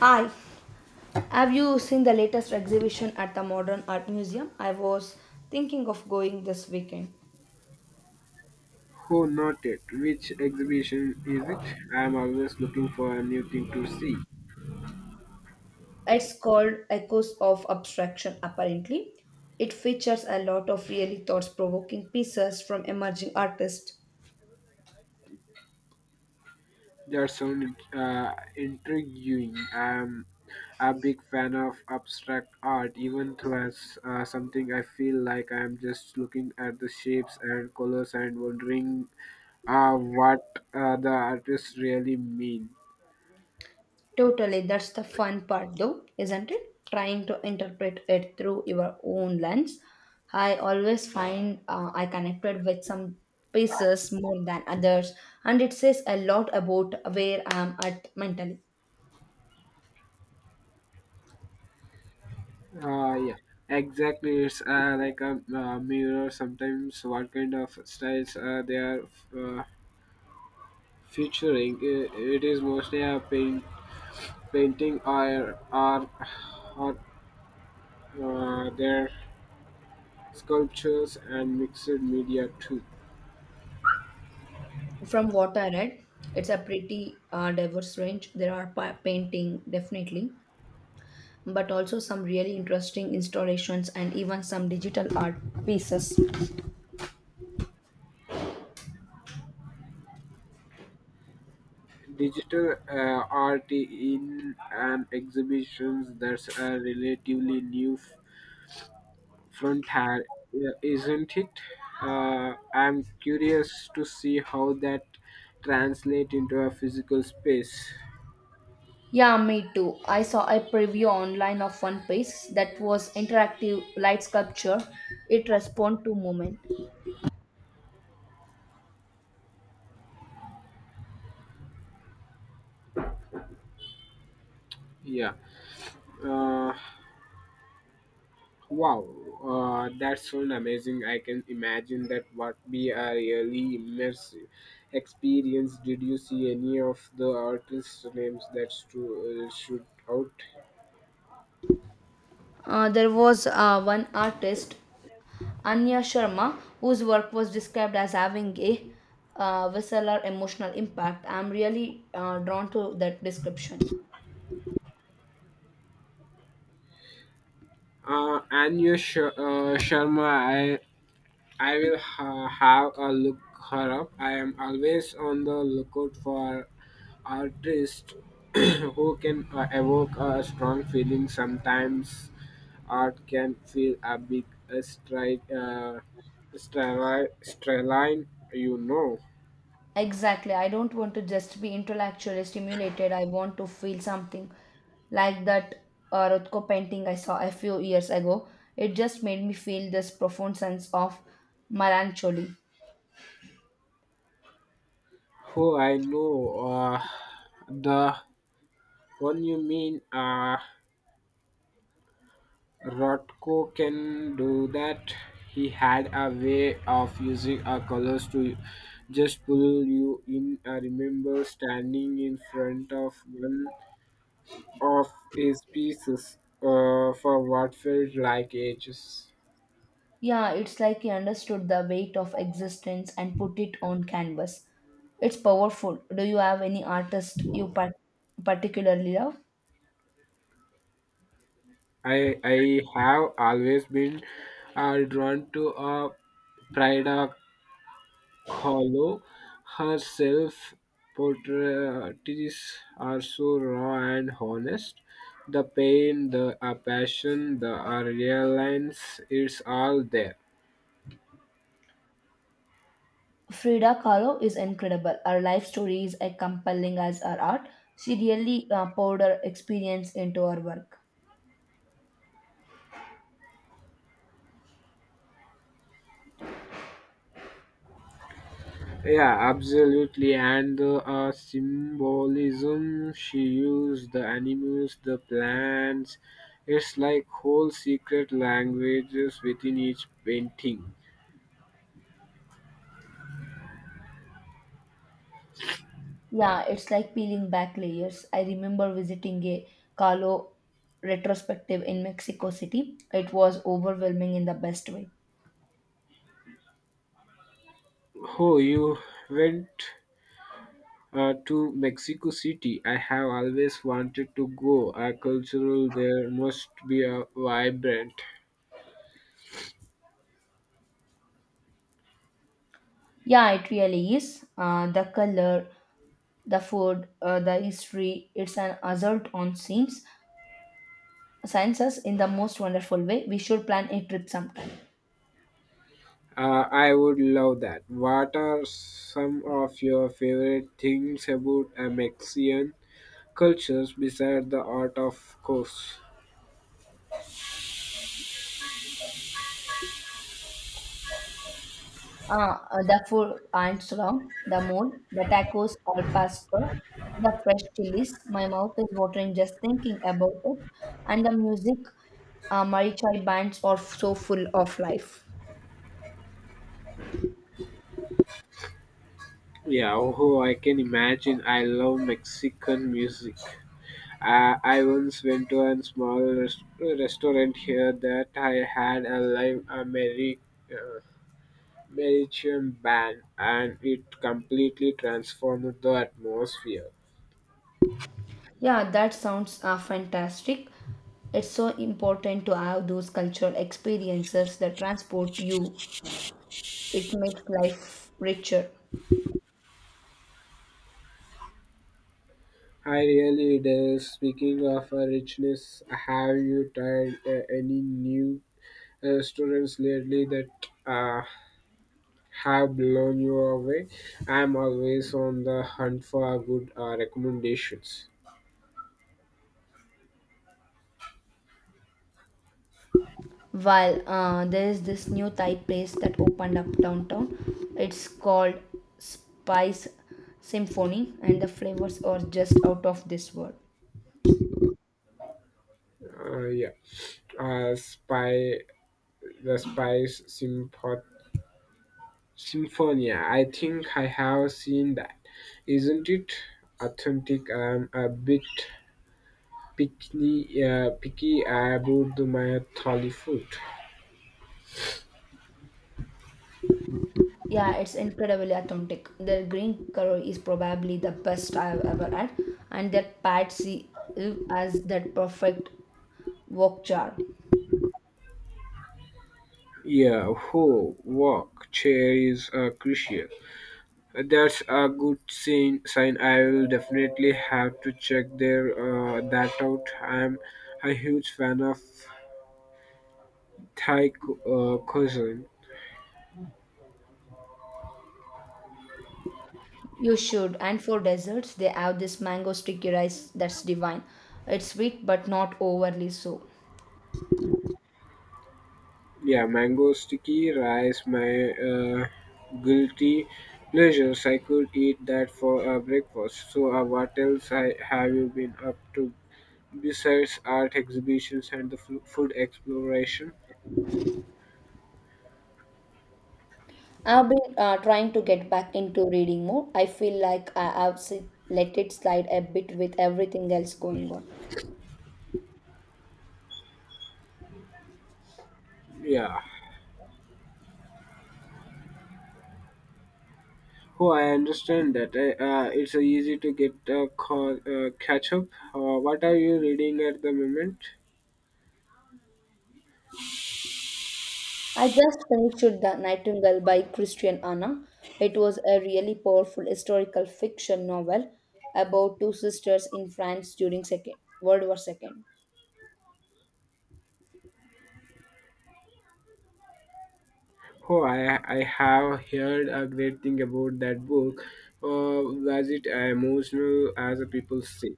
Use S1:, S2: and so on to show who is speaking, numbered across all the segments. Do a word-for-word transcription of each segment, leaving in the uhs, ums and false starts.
S1: Hi, have you seen the latest exhibition at the Modern Art Museum? I was thinking of going this weekend.
S2: Oh, noted. Which exhibition is it? I am always looking for a new thing to see.
S1: It's called Echoes of Abstraction, apparently. It features a lot of really thought provoking pieces from emerging artists.
S2: That sounds uh, intriguing. I am a big fan of abstract art, even though as uh, something I feel like I am just looking at the shapes and colors and wondering uh, what uh, the artists really mean.
S1: Totally, that's the fun part, though, isn't it? Trying to interpret it through your own lens. I always find uh, I connected with some pieces more than others, and it says a lot about where I am at mentally.
S2: Uh, yeah, exactly. It's uh, like a uh, mirror. Sometimes, what kind of styles uh, they are uh, Featuring i- it is mostly a paint, painting or or, or uh, their sculptures and mixed media too.
S1: From what I read, it's a pretty uh, diverse range. There are pa- painting, definitely, but also some really interesting installations and even some digital art pieces.
S2: Digital uh, art in an exhibitions, that's a relatively new f- frontier, uh, isn't it? Uh, I'm curious to see how that translate into a physical space.
S1: Yeah, me too. I saw a preview online of one piece that was interactive light sculpture. It responded to movement.
S2: Yeah. Uh, Wow, uh, that's so amazing. I can imagine that what be a really immersive experience. Did you see any of the artists' names that stu- uh, shoot out?
S1: Uh, there was uh, one artist, Anya Sharma, whose work was described as having a uh, visceral emotional impact. I'm really uh, drawn to that description.
S2: Uh, Anya Sh- uh, Sharma, I, I will ha- have a look her up. I am always on the lookout for artists who can uh, evoke a strong feeling. Sometimes art can feel a big uh, stri- uh, stri- striline, you know.
S1: Exactly. I don't want to just be intellectually stimulated. I want to feel something like that uh, Rothko painting I saw a few years ago. It just made me feel this profound sense of melancholy.
S2: Oh, I know. Uh, the one you mean, uh, Rothko can do that. He had a way of using our colors to just pull you in. I remember standing in front of one of his pieces uh, for what felt like ages.
S1: Yeah, it's like he understood the weight of existence and put it on canvas. It's powerful. Do you have any artist you par- particularly love?
S2: I I have always been uh, drawn to uh, Prida Kahlo. Her self portraits are so raw and honest. The pain, the uh, passion, the uh, reliance, it's all there.
S1: Frida Kahlo is incredible. Her life story is as compelling as her art. She really uh, poured her experience into her work.
S2: Yeah, absolutely. And the uh, symbolism she used, the animals, the plants, it's like whole secret languages within each painting.
S1: Yeah, it's like peeling back layers. I remember visiting a Kahlo retrospective in Mexico City. It was overwhelming in the best way.
S2: Oh, you went uh, to Mexico City. I have always wanted to go. A cultural there must be a vibrant.
S1: Yeah, it really is. Uh, the color, the food, uh, the history, it's an assault on scenes, sciences in the most wonderful way. We should plan a trip sometime.
S2: Uh, I would love that. What are some of your favorite things about uh, Mexican cultures, besides the art, of course?
S1: Uh, food, the full Armstrong, the moon, the tacos al pastor, the fresh chilies. My mouth is watering just thinking about it. And the music, uh, Marichal bands are so full of life.
S2: Yeah, oh, I can imagine. I love Mexican music. Uh, I once went to a small rest- restaurant here that I had a live a merry uh, Mauritian band, and it completely transformed the atmosphere.
S1: Yeah, that sounds uh, fantastic. It's so important to have those cultural experiences that transport you. It makes life richer.
S2: I really do. Speaking of uh, richness, have you tried uh, any new restaurants lately that uh, have blown you away? I'm always on the hunt for good uh, recommendations.
S1: While uh, there is this new Thai place that opened up downtown, it's called Spice Symphony, and the flavors are just out of this world.
S2: Uh, yeah, uh, spy the Spice Sympo- Symphonia. I think I have seen that. Isn't it authentic? I'm a bit picky, uh, picky about my thali food.
S1: Yeah, it's incredibly authentic. Their green curry is probably the best I've ever had, and their pad see ew as that perfect wok jar.
S2: Yeah, who walk chair is uh, crucial. That's a good sign. Sign I will definitely have to check their uh, that out. I'm a huge fan of Thai cu- uh, cuisine.
S1: You should. And for desserts, they have this mango sticky rice that's divine. It's sweet but not overly so.
S2: Yeah, mango sticky rice, my uh, guilty pleasures. I could eat that for uh, breakfast. So, uh, what else I, have you been up to besides art exhibitions and the flu- food exploration?
S1: I've been uh, trying to get back into reading more. I feel like I have s- let it slide a bit with everything else going on.
S2: Yeah. Oh, I understand that. I, uh, it's uh, easy to get uh, call, uh, catch up. Uh, what are you reading at the moment?
S1: I just finished The Nightingale by Christian Anna. It was a really powerful historical fiction novel about two sisters in France during Second World War Second.
S2: Oh, I, I have heard a great thing about that book. Uh, was it emotional as the people say?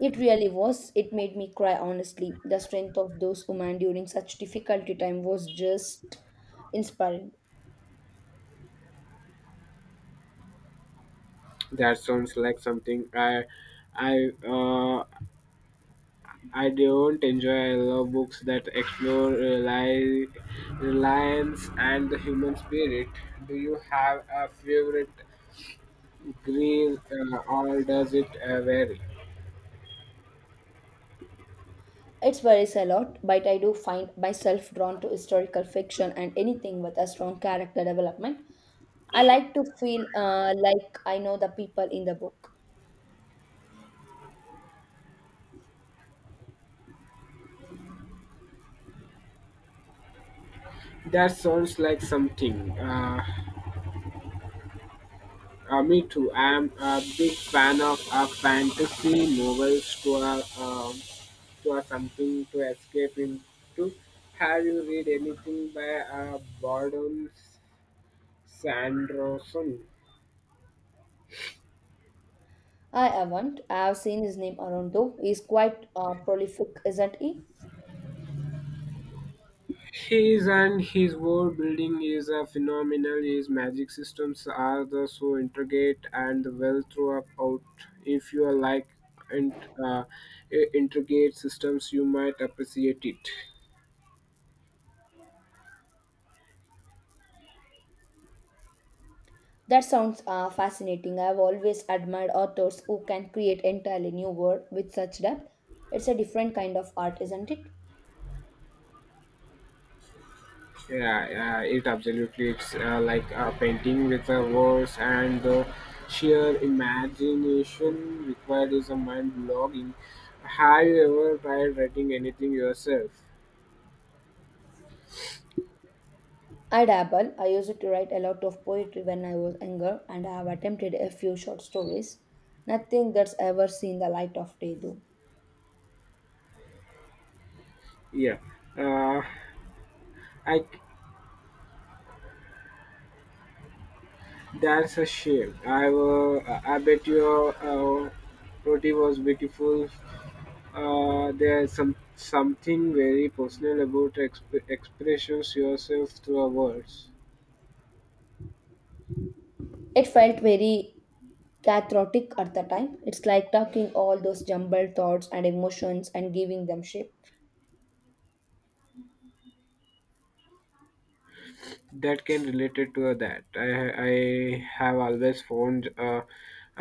S1: It really was. It made me cry honestly. The strength of those women during such difficult time was just inspiring.
S2: That sounds like something I I uh, I don't enjoy. I love books that explore rely, reliance and the human spirit. Do you have a favorite green uh, or does it uh, vary?
S1: It varies a lot, but I do find myself drawn to historical fiction and anything with a strong character development. I like to feel uh, like I know the people in the book.
S2: That sounds like something. Uh, uh, me too. I'm a big fan of uh, fantasy novels to uh, um to uh, something to escape into. Have you read anything by uh, Boredom Sanderson?
S1: I haven't. I have seen his name around though. He's quite uh, prolific, isn't he?
S2: His and his world building is a phenomenal. His magic systems are the so intricate and well throughout. If you like int, uh, i- intricate systems, you might appreciate it.
S1: That sounds uh, fascinating. I've always admired authors who can create entirely new world with such depth. It's a different kind of art, isn't it?
S2: Yeah, yeah it absolutely. It's uh, like a painting with a words, and the sheer imagination required is a mind blogging. Have you ever tried writing anything yourself?
S1: I dabble. I used to write a lot of poetry when I was younger, and I have attempted a few short stories. Nothing that's ever seen the light of day, though.
S2: Yeah. Uh, I that's a shame. I uh, I bet your uh, roti was beautiful. Uh, there's some something very personal about exp- expressions yourself through our words
S1: It felt very cathartic at the time. It's like talking all those jumbled thoughts and emotions and giving them shape.
S2: that can relate it to that. I I have always found uh,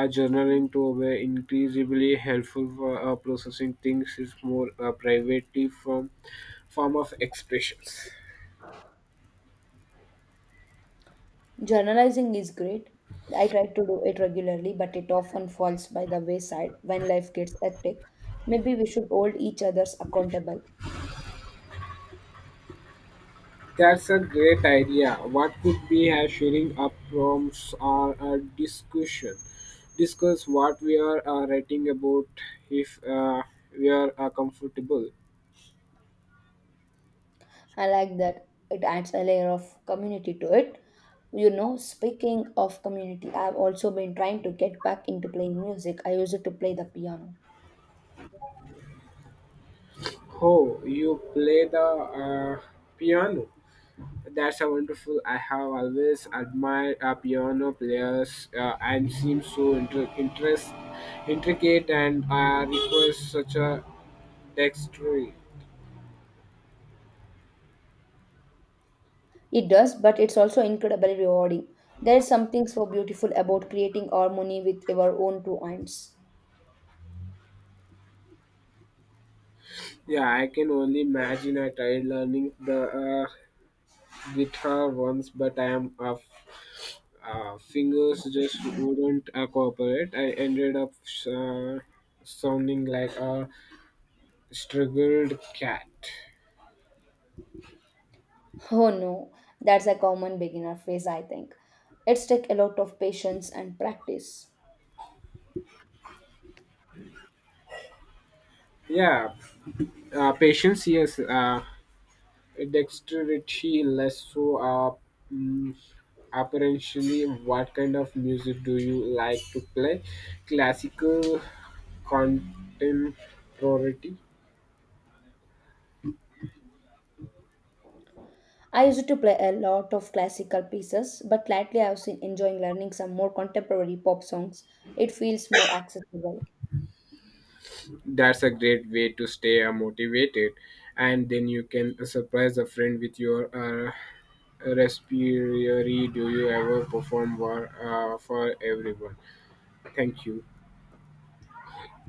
S2: uh, journaling to be increasingly helpful for uh, processing things is more uh, privately from form of expressions.
S1: Journalizing is great. I try to do it regularly, but it often falls by the wayside when life gets hectic. Maybe we should hold each other's accountable.
S2: That's a great idea. What could be assuring up prompts or a discussion? Discuss what we are uh, writing about if uh, we are uh, comfortable.
S1: I like that. It adds a layer of community to it. You know, speaking of community, I've also been trying to get back into playing music. I used to play the piano.
S2: Oh, you play the uh, piano. That's a wonderful. I have always admired uh, piano players. Uh, and seem so inter- interest, intricate and uh, requires such a dexterity.
S1: It does, but it's also incredibly rewarding. There is something so beautiful about creating harmony with your own two hands.
S2: Yeah, I can only imagine. I tried learning the uh, With her once, but I am uh, uh, fingers just wouldn't uh, cooperate. I ended up uh, sounding like a struggled cat.
S1: Oh no, that's a common beginner phase, I think. It's take a lot of patience and practice.
S2: Yeah, uh, patience, yes. Uh, dexterity, less so. Uh, mm, apparently, what kind of music do you like to play? Classical, contemporary.
S1: I used to play a lot of classical pieces, but lately I've been enjoying learning some more contemporary pop songs. It feels more accessible.
S2: That's a great way to stay uh, motivated, and then you can surprise a friend with your uh, respiratory. Do you ever perform war, uh, for everyone? Thank you.